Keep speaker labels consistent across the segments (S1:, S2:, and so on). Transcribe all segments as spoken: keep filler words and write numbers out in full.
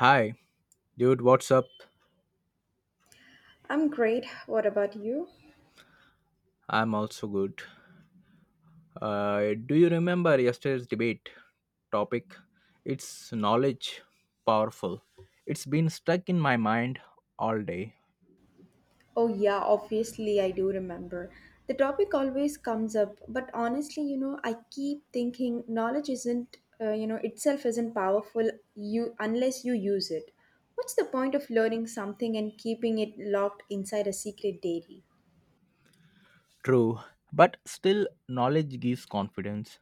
S1: Hi, dude, what's up?
S2: I'm great. What about you?
S1: I'm also good. Uh, do you remember yesterday's debate topic? It's knowledge powerful. It's been stuck in my mind all day.
S2: Oh, yeah, obviously, I do remember. The topic always comes up, but honestly, you know, I keep thinking knowledge isn't, uh, you know, itself isn't powerful you unless you use it. What's the point of learning something and keeping it locked inside a secret dairy?
S1: True, but still, knowledge gives confidence.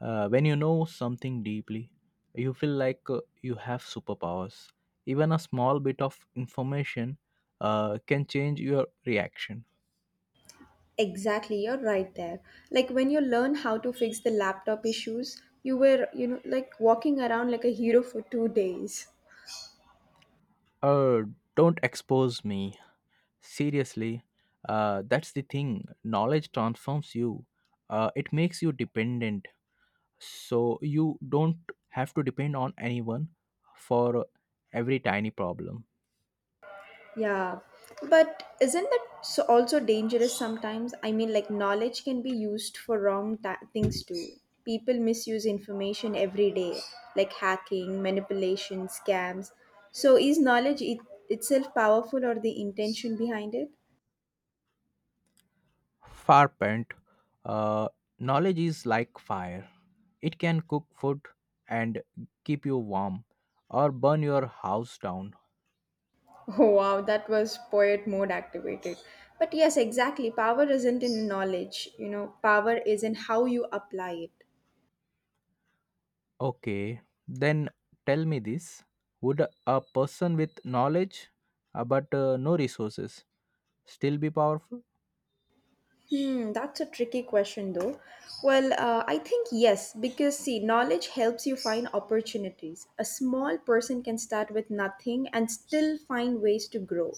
S1: Uh, when you know something deeply, you feel like uh, you have superpowers. Even a small bit of information uh, can change your reaction.
S2: Exactly, you're right there. Like when you learn how to fix the laptop issues, you were, you know, like walking around like a hero for two days.
S1: Uh, don't expose me. Seriously, uh, that's the thing. Knowledge transforms you, uh, it makes you dependent. So you don't have to depend on anyone for every tiny problem.
S2: Yeah, but isn't that so also dangerous sometimes? I mean, like, knowledge can be used for wrong ta things too. People misuse information every day, like hacking, manipulation, scams. So, is knowledge it itself powerful or the intention behind it?
S1: Farpent, uh, knowledge is like fire, it can cook food and keep you warm or burn your house down.
S2: Oh, wow, that was poet mode activated. But yes, exactly. Power isn't in knowledge, you know, power is in how you apply it.
S1: Okay, then tell me this would a person with knowledge uh, but uh, no resources still be powerful?
S2: Hmm, that's a tricky question though. Well, uh, I think yes, because see, knowledge helps you find opportunities. A small person can start with nothing and still find ways to grow.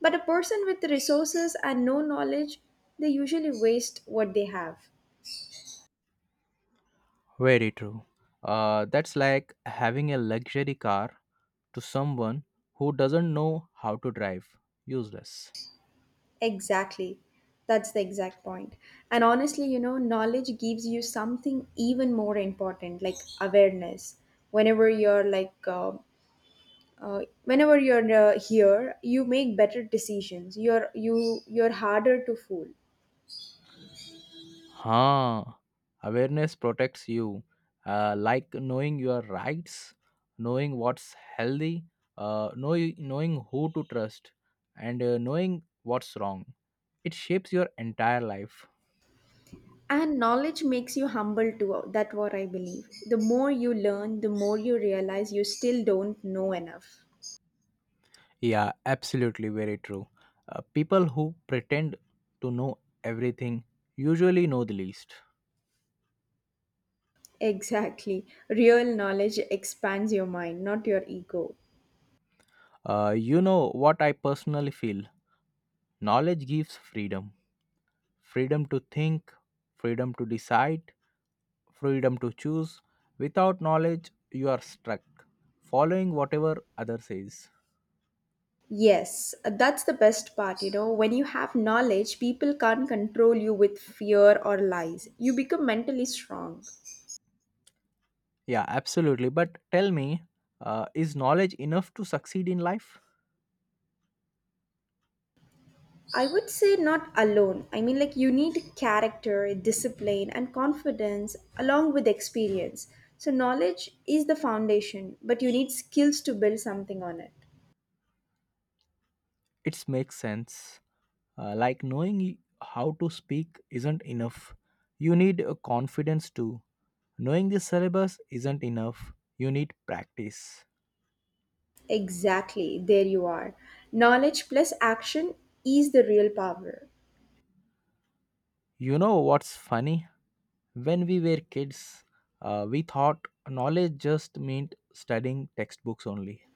S2: But a person with resources and no knowledge, they usually waste what they have.
S1: Very true. Uh, that's like having a luxury car to someone who doesn't know how to drive. Useless.
S2: Exactly. That's the exact point. And honestly, you know, knowledge gives you something even more important, like awareness. Whenever you're like uh, uh, whenever you're uh, here you make better decisions, you're you you're harder to fool.
S1: Huh. Awareness protects you. Uh, like knowing your rights, knowing what's healthy, uh, know knowing who to trust, and uh, knowing what's wrong. It shapes your entire life.
S2: And knowledge makes you humble too. That's what I believe. The more you learn, the more you realize you still don't know enough.
S1: Yeah, absolutely. Very true. Uh, people who pretend to know everything usually know the least.
S2: Exactly. Real knowledge expands your mind, not your ego.
S1: Uh, you know what I personally feel? Knowledge gives freedom freedom to think, freedom to decide, freedom to choose. Without knowledge, you are stuck following whatever other says.
S2: Yes, that's the best part, you know. When you have knowledge, people can't control you with fear or lies. You become mentally strong.
S1: Yeah, absolutely. But tell me, uh, is knowledge enough to succeed in life?
S2: I would say not alone. I mean, like, you need character, discipline, and confidence along with experience. So, knowledge is the foundation, but you need skills to build something on it.
S1: It makes sense. Uh, like knowing y- how to speak isn't enough. You need a confidence too. Knowing the syllabus isn't enough. You need practice.
S2: Exactly, there you are. Knowledge plus action is the real power.
S1: You know what's funny? When we were kids, uh, we thought knowledge just meant studying textbooks only.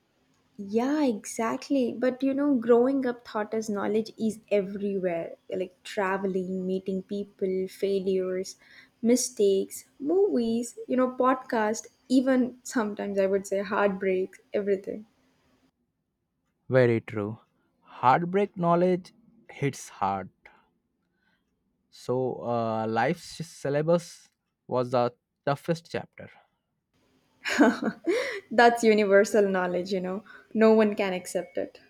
S2: Yeah, exactly. But you know, growing up taught us knowledge is everywhere like traveling, meeting people, failures, mistakes, movies, you know, podcast, even sometimes I would say heartbreak, everything.
S1: Very true. Heartbreak knowledge hits hard. So, uh, life's syllabus was the toughest chapter.
S2: That's universal knowledge, you know. No one can accept it.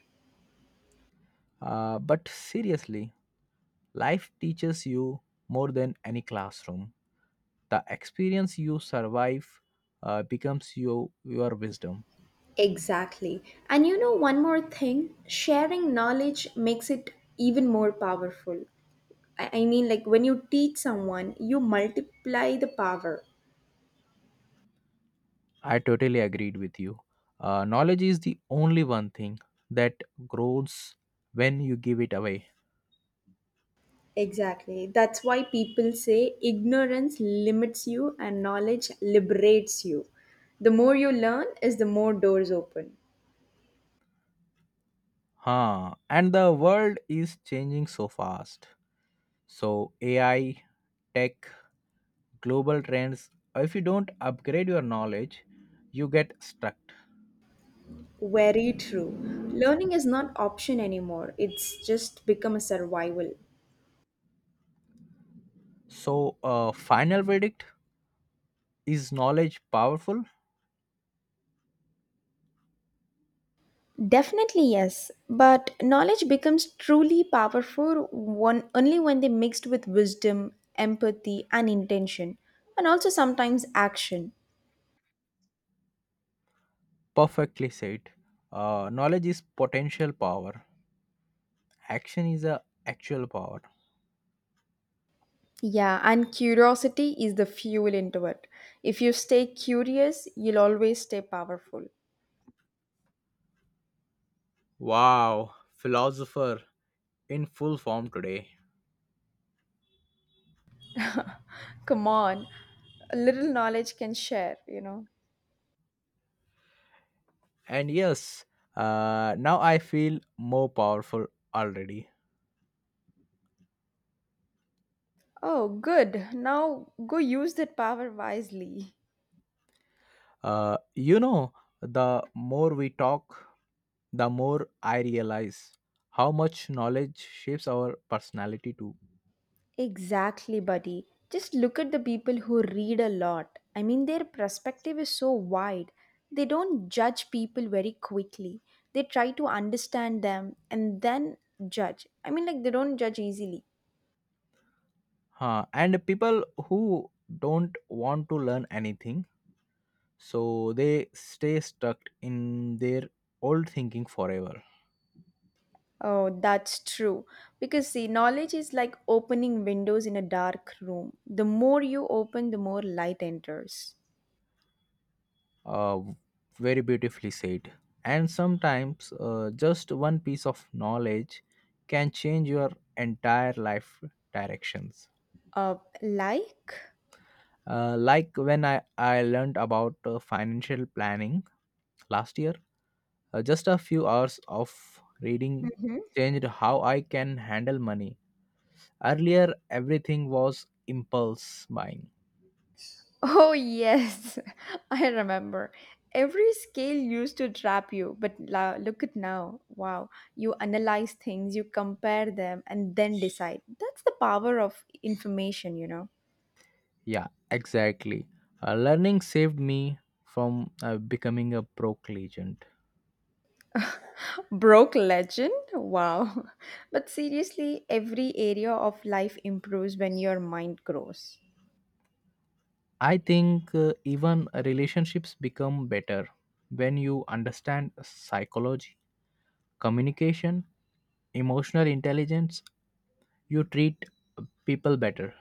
S1: Uh, but seriously, life teaches you more than any classroom. The experience you survive uh, becomes you, your wisdom.
S2: Exactly. And you know, one more thing sharing knowledge makes it even more powerful. I I mean, like when you teach someone, you multiply the power.
S1: I totally agreed with you. Uh, knowledge is the only one thing that grows when you give it away.
S2: Exactly. That's why people say ignorance limits you and knowledge liberates you. The more you learn is the more doors open.
S1: Huh. And the world is changing so fast. So, A I, tech, global trends, if you don't upgrade your knowledge, you get stuck.
S2: Very true. Learning is not option anymore. It's just become a survival.
S1: So, uh, final verdict is knowledge powerful?
S2: Definitely yes, but knowledge becomes truly powerful one only when they mixed with wisdom, empathy and intention and also sometimes action.
S1: Perfectly said. Uh, knowledge is potential power, action is a actual power.
S2: Yeah, and curiosity is the fuel into it. If you stay curious, you'll always stay powerful.
S1: Wow, philosopher in full form today.
S2: Come on, a little knowledge can share, you know.
S1: And yes, uh, now I feel more powerful already.
S2: Oh, good. Now go use that power wisely.
S1: Uh, you know, the more we talk, the more I realize how much knowledge shapes our personality too.
S2: Exactly, buddy. Just look at the people who read a lot. I mean, their perspective is so wide. They don't judge people very quickly. They try to understand them and then judge. I mean, like, they don't judge easily.
S1: Huh. And people who don't want to learn anything, so they stay stuck in their old thinking forever.
S2: Oh, that's true. Because see, knowledge is like opening windows in a dark room. The more you open, the more light enters.
S1: uh, Very beautifully said, and sometimes uh, just one piece of knowledge can change your entire life directions.
S2: Uh, like?
S1: Uh, like when i i learned about uh, financial planning last year, uh, just a few hours of reading
S2: Hmm.
S1: changed how I can handle money. Earlier everything was impulse buying.
S2: Oh, yes, I remember. Every scale used to trap you, but la- look at now. Wow. You analyze things, you compare them, and then decide. That's the power of information, you know.
S1: Yeah, exactly. Uh, learning saved me from uh, becoming a broke legend.
S2: Broke legend? Wow. But seriously, every area of life improves when your mind grows.
S1: I think uh, even relationships become better when you understand psychology, communication, emotional intelligence, you treat people better.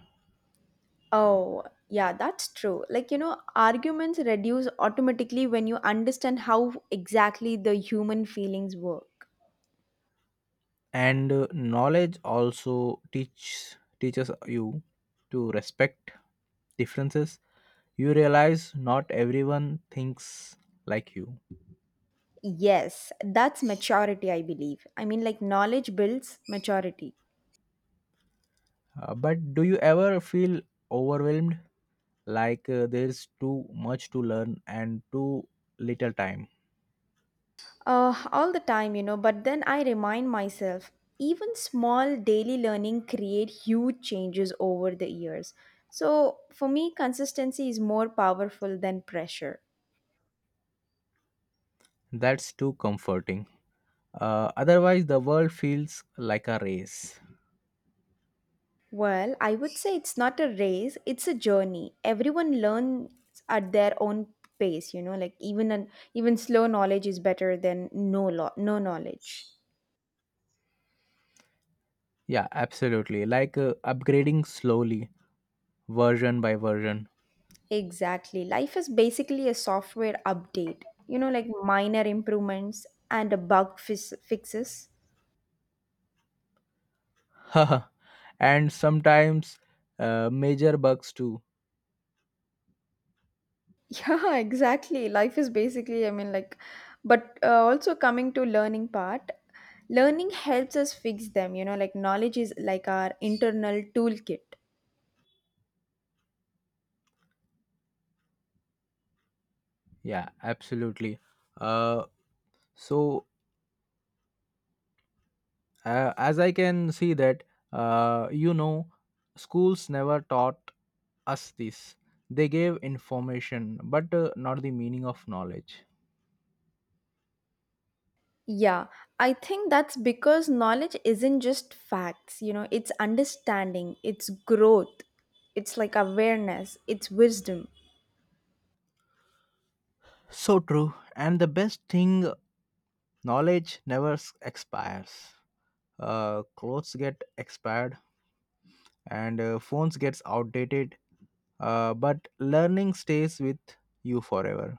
S2: Oh, yeah, that's true. Like, you know, arguments reduce automatically when you understand how exactly the human feelings work.
S1: And uh, knowledge also teach teaches you to respect differences. You realize not everyone thinks like you.
S2: Yes, that's maturity, I believe. I mean, like, knowledge builds maturity.
S1: Uh, but do you ever feel overwhelmed like uh, there's too much to learn and too little time?
S2: Uh, all the time, you know, but then I remind myself, even small daily learning create huge changes over the years. So for me, consistency is more powerful than pressure.
S1: That's too comforting. Uh, otherwise, the world feels like a race.
S2: Well, I would say it's not a race, it's a journey. Everyone learns at their own pace, you know, like even an even slow knowledge is better than no lo- no knowledge.
S1: Yeah, absolutely. Like uh, upgrading slowly, version by version.
S2: Exactly. Life is basically a software update, you know, like minor improvements and a bug fis- fixes.
S1: And sometimes uh, major bugs too.
S2: Yeah, exactly. Life is basically, I mean, like, but uh, also coming to learning part, learning helps us fix them, you know, like knowledge is like our internal toolkit.
S1: Yeah, absolutely. Uh, so, uh, as I can see that, uh, you know, schools never taught us this. They gave information, but uh, not the meaning of knowledge.
S2: Yeah, I think that's because knowledge isn't just facts, you know, it's understanding, it's growth, it's like awareness, it's wisdom.
S1: So true. And the best thing, knowledge never s- expires. Uh, clothes get expired and uh, phones gets outdated, uh, but learning stays with you forever.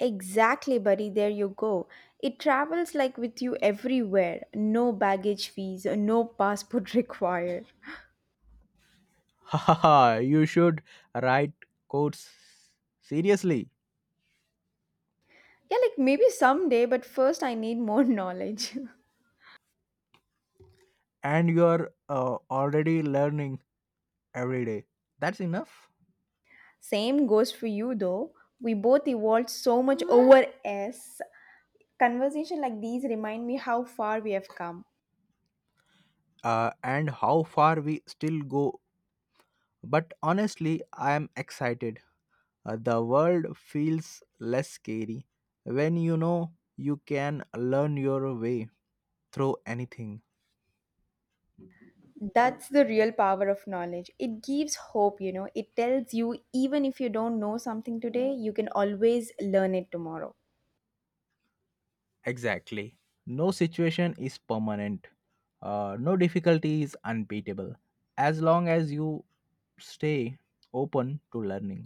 S2: Exactly, buddy. There you go. It travels like with you everywhere. No baggage fees, uh, no passport required.
S1: Haha, you should write codes seriously.
S2: Yeah, like maybe someday, but first I need more knowledge.
S1: And you are uh, already learning every day. That's enough.
S2: Same goes for you though. We both evolved so much over S. Conversation like these remind me how far we have come.
S1: Uh, and how far we still go, but honestly I am excited. Uh, the world feels less scary when you know you can learn your way through anything.
S2: That's the real power of knowledge. It gives hope, you know. It tells you even if you don't know something today, you can always learn it tomorrow.
S1: Exactly. No situation is permanent. Uh, no difficulty is unbeatable as long as you stay open to learning.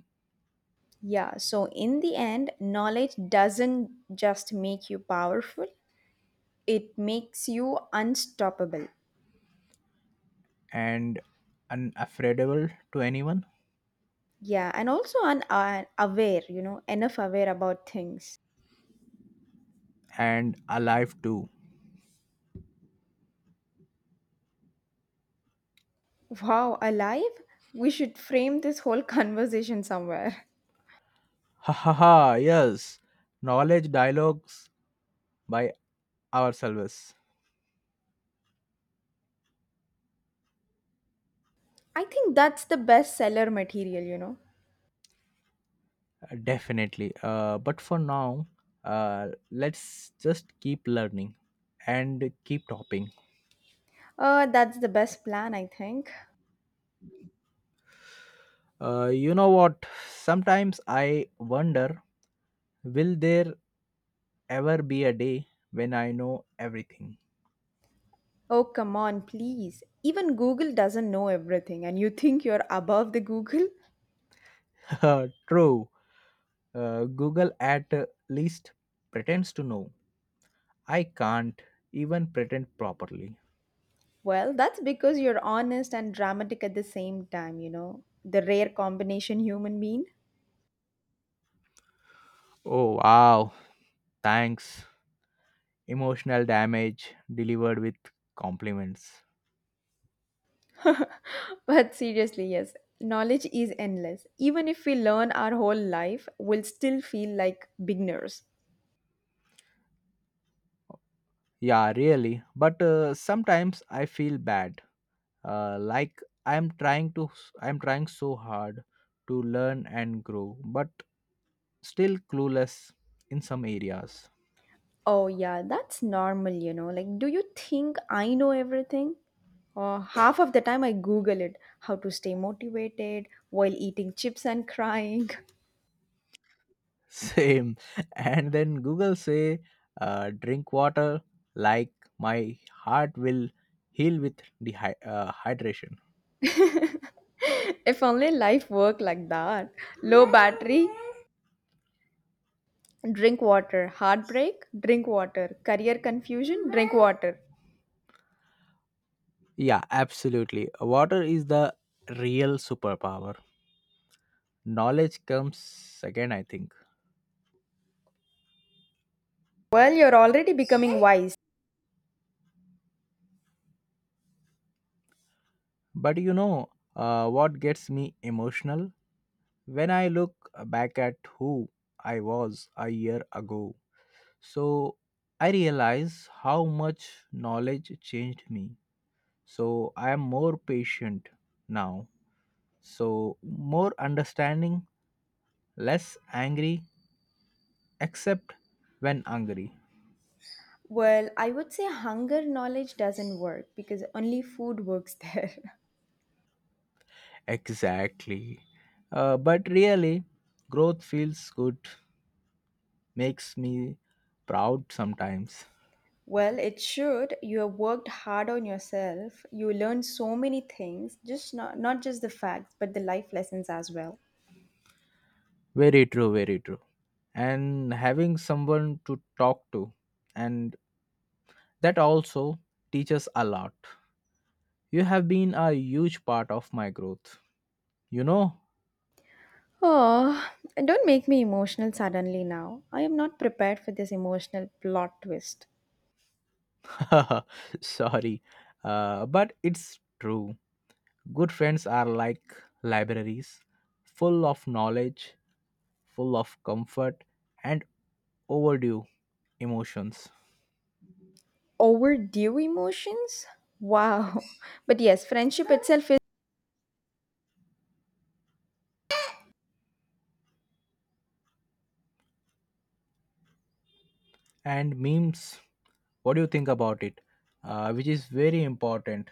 S2: Yeah, so in the end, knowledge doesn't just make you powerful, it makes you unstoppable.
S1: And unafraidable to anyone.
S2: Yeah, and also un- uh, aware, you know, enough aware about things.
S1: And alive too.
S2: Wow, alive? We should frame this whole conversation somewhere.
S1: Ha ha ha, yes, knowledge dialogues by ourselves.
S2: I think that's the best seller material, you know.
S1: Definitely. Uh, but for now, uh, let's just keep learning and keep topping.
S2: Uh, that's the best plan, I think.
S1: Uh, you know what? Sometimes I wonder will there ever be a day when I know everything?
S2: Oh, come on, please. Even Google doesn't know everything, and you think you're above the Google?
S1: True. Uh, Google at least pretends to know. I can't even pretend properly.
S2: Well, that's because you're honest and dramatic at the same time, you know, the rare combination human being.
S1: Oh, wow. Thanks. Emotional damage delivered with compliments.
S2: But seriously, yes, knowledge is endless. Even if we learn our whole life, we'll still feel like beginners.
S1: Yeah, really. But uh, sometimes I feel bad. Uh, like I'm trying to I'm trying so hard to learn and grow, but still clueless in some areas.
S2: Oh, yeah, that's normal, you know. Like, do you think I know everything? Uh, half of the time, I Google it how to stay motivated while eating chips and crying.
S1: Same. And then Google say uh, drink water like my heart will heal with dehy- uh, hydration.
S2: If only life worked like that. Low battery. Drink water. Heartbreak? Drink water. Career confusion? Drink water.
S1: Yeah, absolutely. Water is the real superpower. Knowledge comes second, I think.
S2: Well, you're already becoming wise.
S1: But you know, uh, what gets me emotional? When I look back at who I was a year ago, so I realize how much knowledge changed me. So I am more patient now, so more understanding, less angry, except when angry.
S2: Well, I would say hunger knowledge doesn't work because only food works there.
S1: Exactly. Uh, but really, growth feels good, makes me proud sometimes.
S2: Well, it should. You have worked hard on yourself. You learned so many things, just not not just the facts, but the life lessons as well.
S1: Very true, very true. And having someone to talk to, and that also teaches a lot. You have been a huge part of my growth. You know?
S2: Oh, don't make me emotional suddenly now. I am not prepared for this emotional plot twist.
S1: Sorry. Uh, but it's true. Good friends are like libraries, full of knowledge, full of comfort, and overdue emotions.
S2: Overdue emotions? Wow. But yes, friendship itself is.
S1: And memes, what do you think about it? Uh, which is very important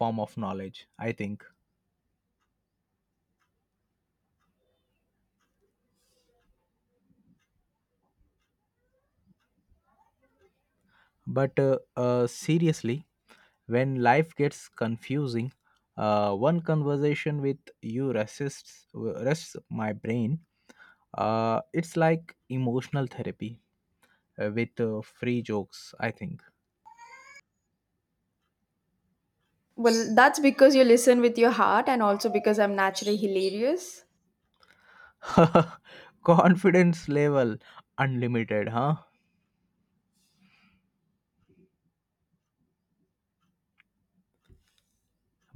S1: form of knowledge, I think. But uh, uh, seriously, when life gets confusing, uh, one conversation with you rests rests my brain. Uh, it's like emotional therapy uh, with uh, free jokes, I think.
S2: Well, that's because you listen with your heart and also because I'm naturally hilarious.
S1: Confidence level unlimited, huh.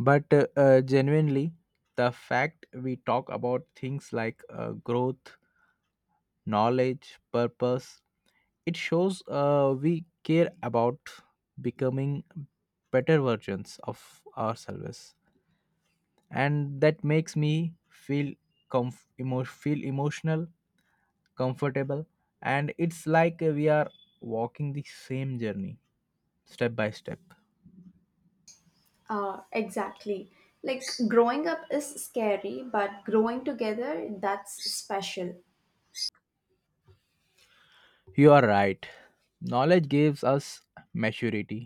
S1: But uh, uh, genuinely, the fact we talk about things like uh, growth, knowledge, purpose, it shows uh, we care about becoming better versions of ourselves. And that makes me feel, comf- emo- feel emotional, comfortable, and it's like we are walking the same journey step by step.
S2: Uh, exactly. Like growing up is scary, but growing together, that's special.
S1: You are right. Knowledge gives us maturity.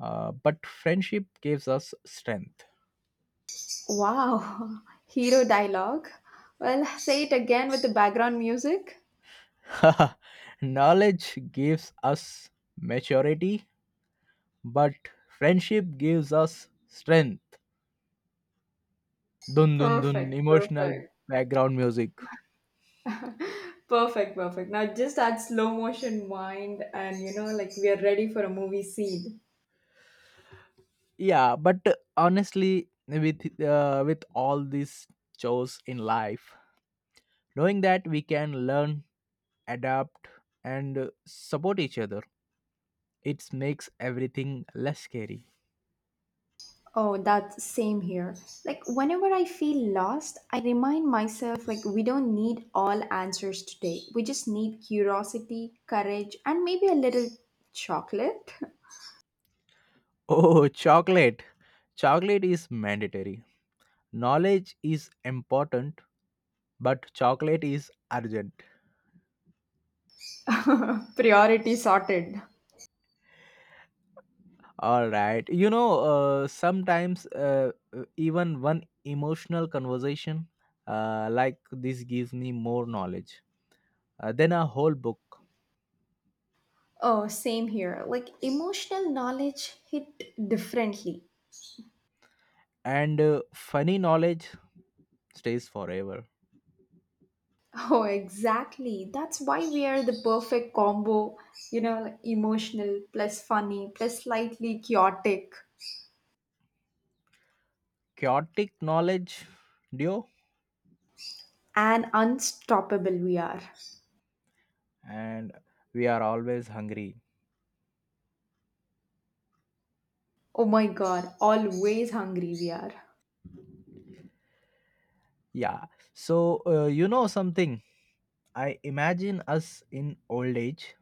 S1: Uh, but friendship gives us strength.
S2: Wow. Hero dialogue. Well, say it again with the background music.
S1: Knowledge gives us maturity, but friendship gives us strength. Dun dun dun,
S2: Perfect,
S1: emotional
S2: perfect.
S1: background music.
S2: Perfect, perfect. Now just add slow motion wind and you know, like we are ready for a movie scene.
S1: Yeah, but honestly, with uh, with all these chores in life, knowing that we can learn, adapt, and uh, support each other, it makes everything less scary.
S2: Oh, that's same here. Like whenever I feel lost, I remind myself like we don't need all answers today. We just need curiosity, courage, and maybe a little chocolate.
S1: Oh, chocolate! Chocolate is mandatory. Knowledge is important, but chocolate is urgent.
S2: Priority sorted.
S1: All right, you know, uh, sometimes uh, uh, even one emotional conversation uh, like this gives me more knowledge uh, than a whole book.
S2: Oh, same here. Like emotional knowledge hit differently.
S1: And uh, funny knowledge stays forever.
S2: Oh, exactly. That's why we are the perfect combo. You know, like emotional plus funny plus slightly chaotic
S1: Chaotic knowledge duo.
S2: and unstoppable we are.
S1: And we are always hungry.
S2: Oh my god, always hungry we are.
S1: Yeah. So uh, you know something, I imagine us in old age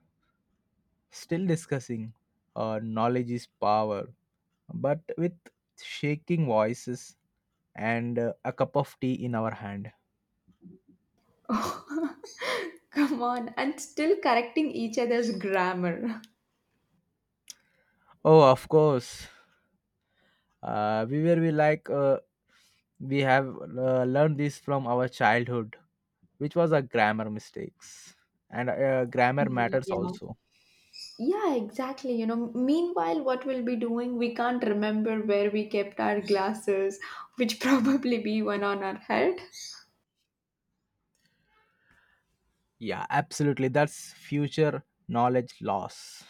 S1: still discussing uh, knowledge is power, but with shaking voices and uh, a cup of tea in our hand.
S2: Come on, and still correcting each other's grammar.
S1: Oh, of course. Uh, we were we like uh, we have uh, learned this from our childhood, which was a grammar mistakes, and uh, grammar matters
S2: Yeah.
S1: also.
S2: Yeah, exactly. You know, meanwhile, what we'll be doing, we can't remember where we kept our glasses, which probably be one on our head.
S1: Yeah, absolutely. That's future knowledge loss.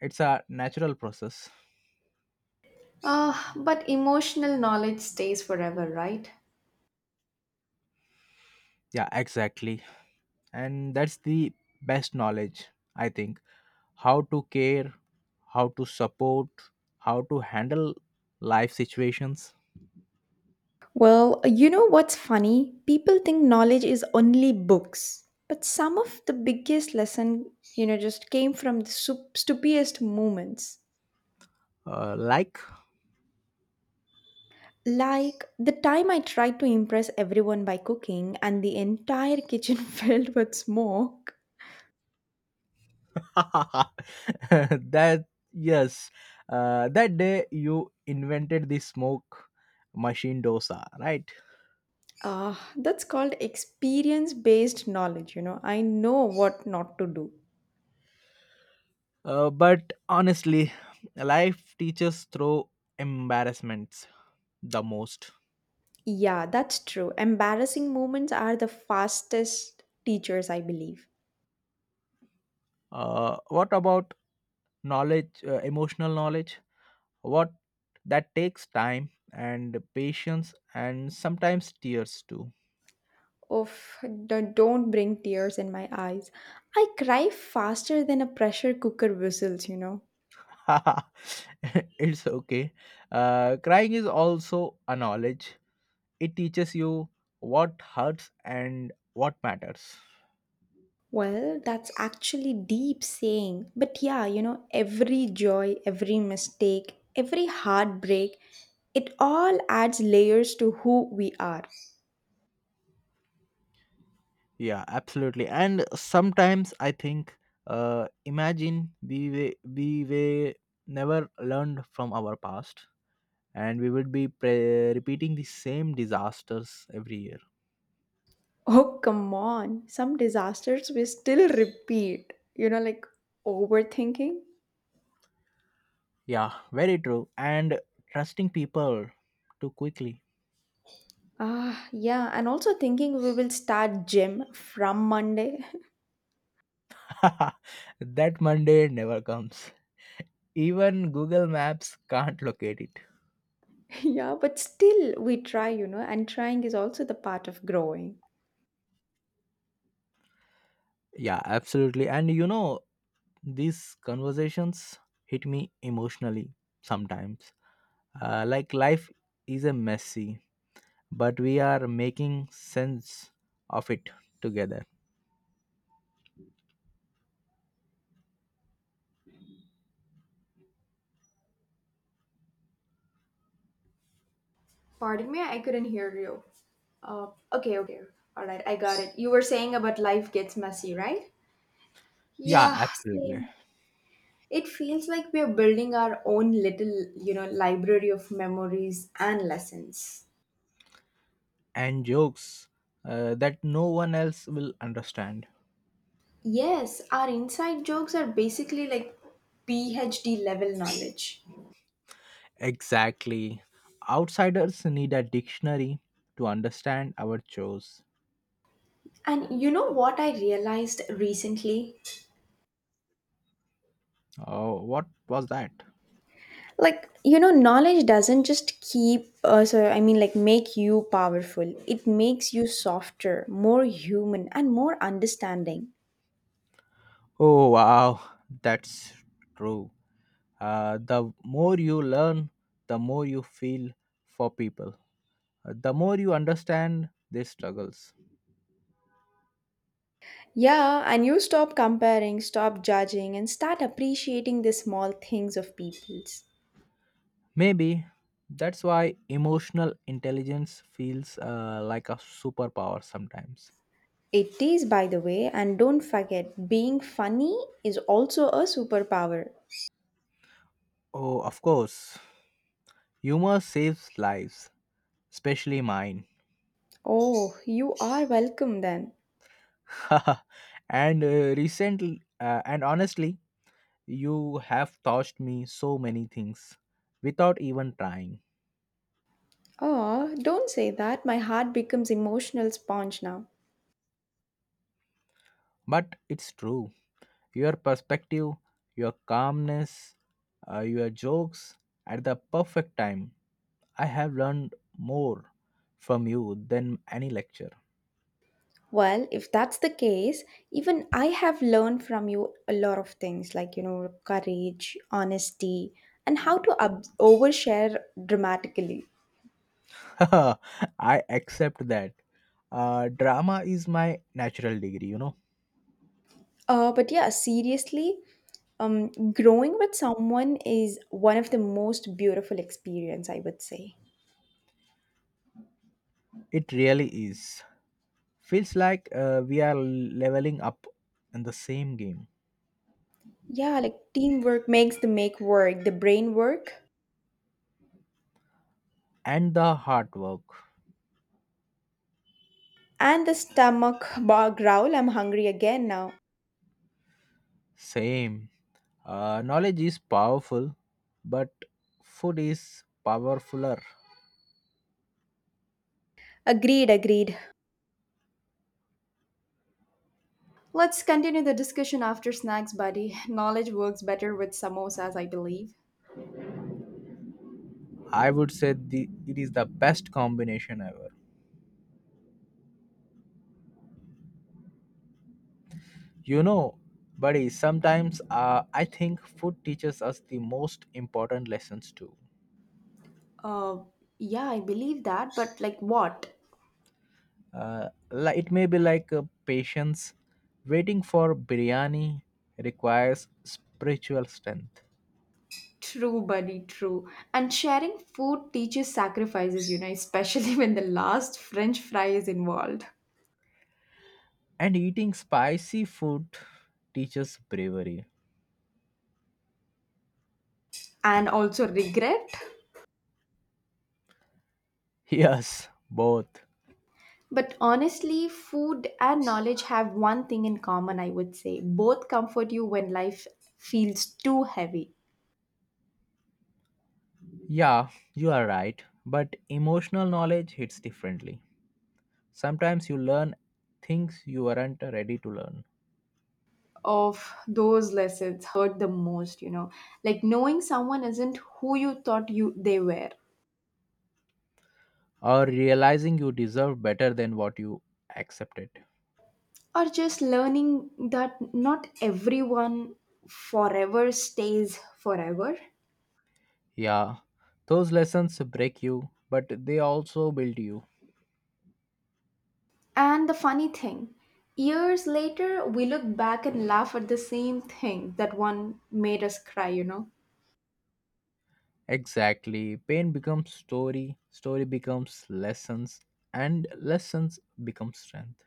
S1: It's a natural process.
S2: Uh, but emotional knowledge stays forever, right?
S1: Yeah, exactly. And that's the best knowledge, I think. How to care, how to support, how to handle life situations.
S2: Well, you know what's funny? People think knowledge is only books, but some of the biggest lesson, you know, just came from the sup- stupidest moments.
S1: Uh, like
S2: Like the time I tried to impress everyone by cooking and the entire kitchen filled with smoke.
S1: that, yes, uh, that day you invented the smoke machine dosa, right?
S2: Ah, that's called experience based knowledge, you know. I know what not to do.
S1: Uh, but honestly, life teaches through embarrassments the most.
S2: Yeah, that's true. Embarrassing moments are the fastest teachers, I believe.
S1: Uh, what about knowledge, uh, emotional knowledge? What, that takes time and patience and sometimes tears too.
S2: Oof, d- don't bring tears in my eyes. I cry faster than a pressure cooker whistles, you know.
S1: It's okay. Uh, crying is also a knowledge. It teaches you what hurts and what matters.
S2: Well, that's actually deep saying. But yeah, you know, every joy, every mistake, every heartbreak, it all adds layers to who we are.
S1: Yeah, absolutely. And sometimes I think, uh, imagine we were, we were never learned from our past, and we would be pre- repeating the same disasters every year.
S2: Oh, come on. Some disasters we still repeat. You know, like overthinking.
S1: Yeah, very true. And trusting people too quickly.
S2: Ah, yeah, and also thinking we will start gym from Monday.
S1: That Monday never comes. Even Google Maps can't locate it.
S2: Yeah, but still we try, you know, and trying is also the part of growing.
S1: Yeah, absolutely. And you know, these conversations hit me emotionally sometimes. Uh, like life is a messy, but we are making sense of it together.
S2: Pardon me, I couldn't hear you. Uh, okay, okay. All right, I got it. You were saying about life gets messy, right?
S1: Yeah,
S2: Yeah,
S1: absolutely.
S2: same. It feels like we're building our own little, you know, library of memories and lessons.
S1: And jokes uh, that no one else will understand.
S2: Yes, our inside jokes are basically like PhD level knowledge.
S1: Exactly. Outsiders need a dictionary to understand our chores.
S2: And you know what I realized recently?
S1: Oh, what was that?
S2: Like, you know knowledge doesn't just keep uh, so I mean, like make you powerful, it makes you softer, more human and more understanding.
S1: Oh, wow, that's true. Uh, the more you learn, the more you feel for people. Uh, the more you understand their struggles.
S2: Yeah, and you stop comparing, stop judging and start appreciating the small things of people's.
S1: Maybe that's why emotional intelligence feels uh, like a superpower sometimes.
S2: It is, by the way, and don't forget being funny is also a superpower.
S1: Oh, of course, humor saves lives, especially mine.
S2: Oh, you are welcome then.
S1: And uh, recently, uh, and honestly, you have taught me so many things without even trying.
S2: Oh, don't say that, my heart becomes emotional sponge now.
S1: But it's true. Your perspective, your calmness, uh, your jokes at the perfect time. I have learned more from you than any lecture.
S2: Well, if that's the case, even I have learned from you a lot of things like, you know, courage, honesty, and how to ob- overshare dramatically.
S1: I accept that. Uh, drama is my natural degree, you know.
S2: Uh, but yeah, seriously, um, growing with someone is one of the most beautiful experience, I would say.
S1: It really is. Feels like uh, we are leveling up in the same game.
S2: Yeah, like teamwork makes the make work, the brain work,
S1: And the hard work.
S2: and the stomach bar growl. I'm hungry again now.
S1: Same. Uh, knowledge is powerful, but food is powerfuler.
S2: Agreed, agreed. Let's continue the discussion after snacks, buddy. Knowledge works better with samosas, I believe.
S1: I would say the it is the best combination ever. You know, buddy. Sometimes uh, I think food teaches us the most important lessons too.
S2: Uh, yeah, I believe that, but like what?
S1: Uh, li- it may be like uh, patience. Waiting for biryani requires spiritual strength,
S2: True, buddy, true. And sharing food teaches sacrifices, you know, especially when the last French fry is involved.
S1: and eating spicy food teaches bravery.
S2: And also regret.
S1: Yes, both.
S2: But honestly, food and knowledge have one thing in common, I would say. Both comfort you when life feels too heavy.
S1: Yeah, you are right. But emotional knowledge hits differently. Sometimes you learn things you weren't ready to learn,
S2: Of those lessons hurt the most, you know like knowing someone isn't who you thought you they were,
S1: or realizing you deserve better than what you accepted.
S2: or just learning that not everyone forever stays forever,
S1: Yeah, those lessons break you, but they also build you.
S2: and the funny thing years later we look back and laugh at the same thing that one made us cry you know
S1: Exactly. Pain becomes story, story becomes lessons, and lessons become strength.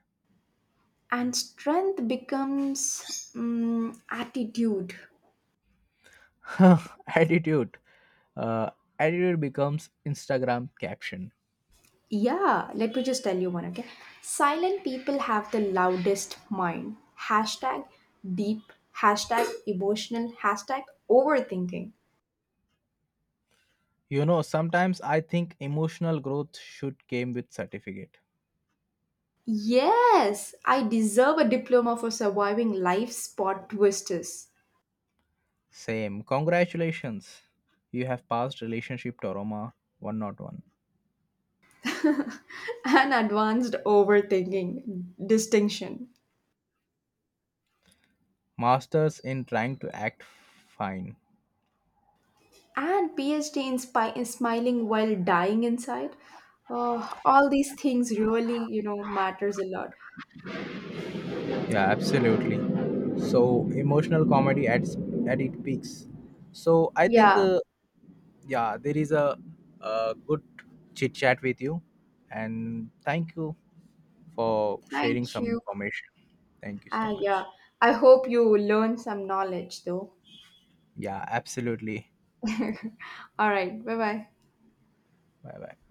S2: And strength becomes, mm attitude.
S1: Attitude. Uh, Attitude becomes Instagram caption.
S2: Yeah, let me just tell you one, okay? Silent people have the loudest mind. Hashtag deep, hashtag emotional, hashtag overthinking.
S1: You know, sometimes I think emotional growth should came with certificate.
S2: Yes, I deserve a diploma for surviving life's plot twisters.
S1: Same. Congratulations. You have passed relationship diorama one oh one.
S2: And advanced overthinking distinction.
S1: Masters in trying to act fine.
S2: And PhD in spy- in smiling while dying inside. Uh, all these things really, you know, matters a lot.
S1: Yeah, absolutely. So emotional comedy at s- at its peaks. So I think
S2: Yeah,
S1: uh, yeah, there is a, a good chit chat with you, and thank you for sharing
S2: thank
S1: some
S2: you.
S1: information. Thank you
S2: Ah,
S1: so
S2: yeah.
S1: much.
S2: I hope you learn some knowledge though.
S1: Yeah, absolutely.
S2: All right. Bye bye.
S1: Bye bye.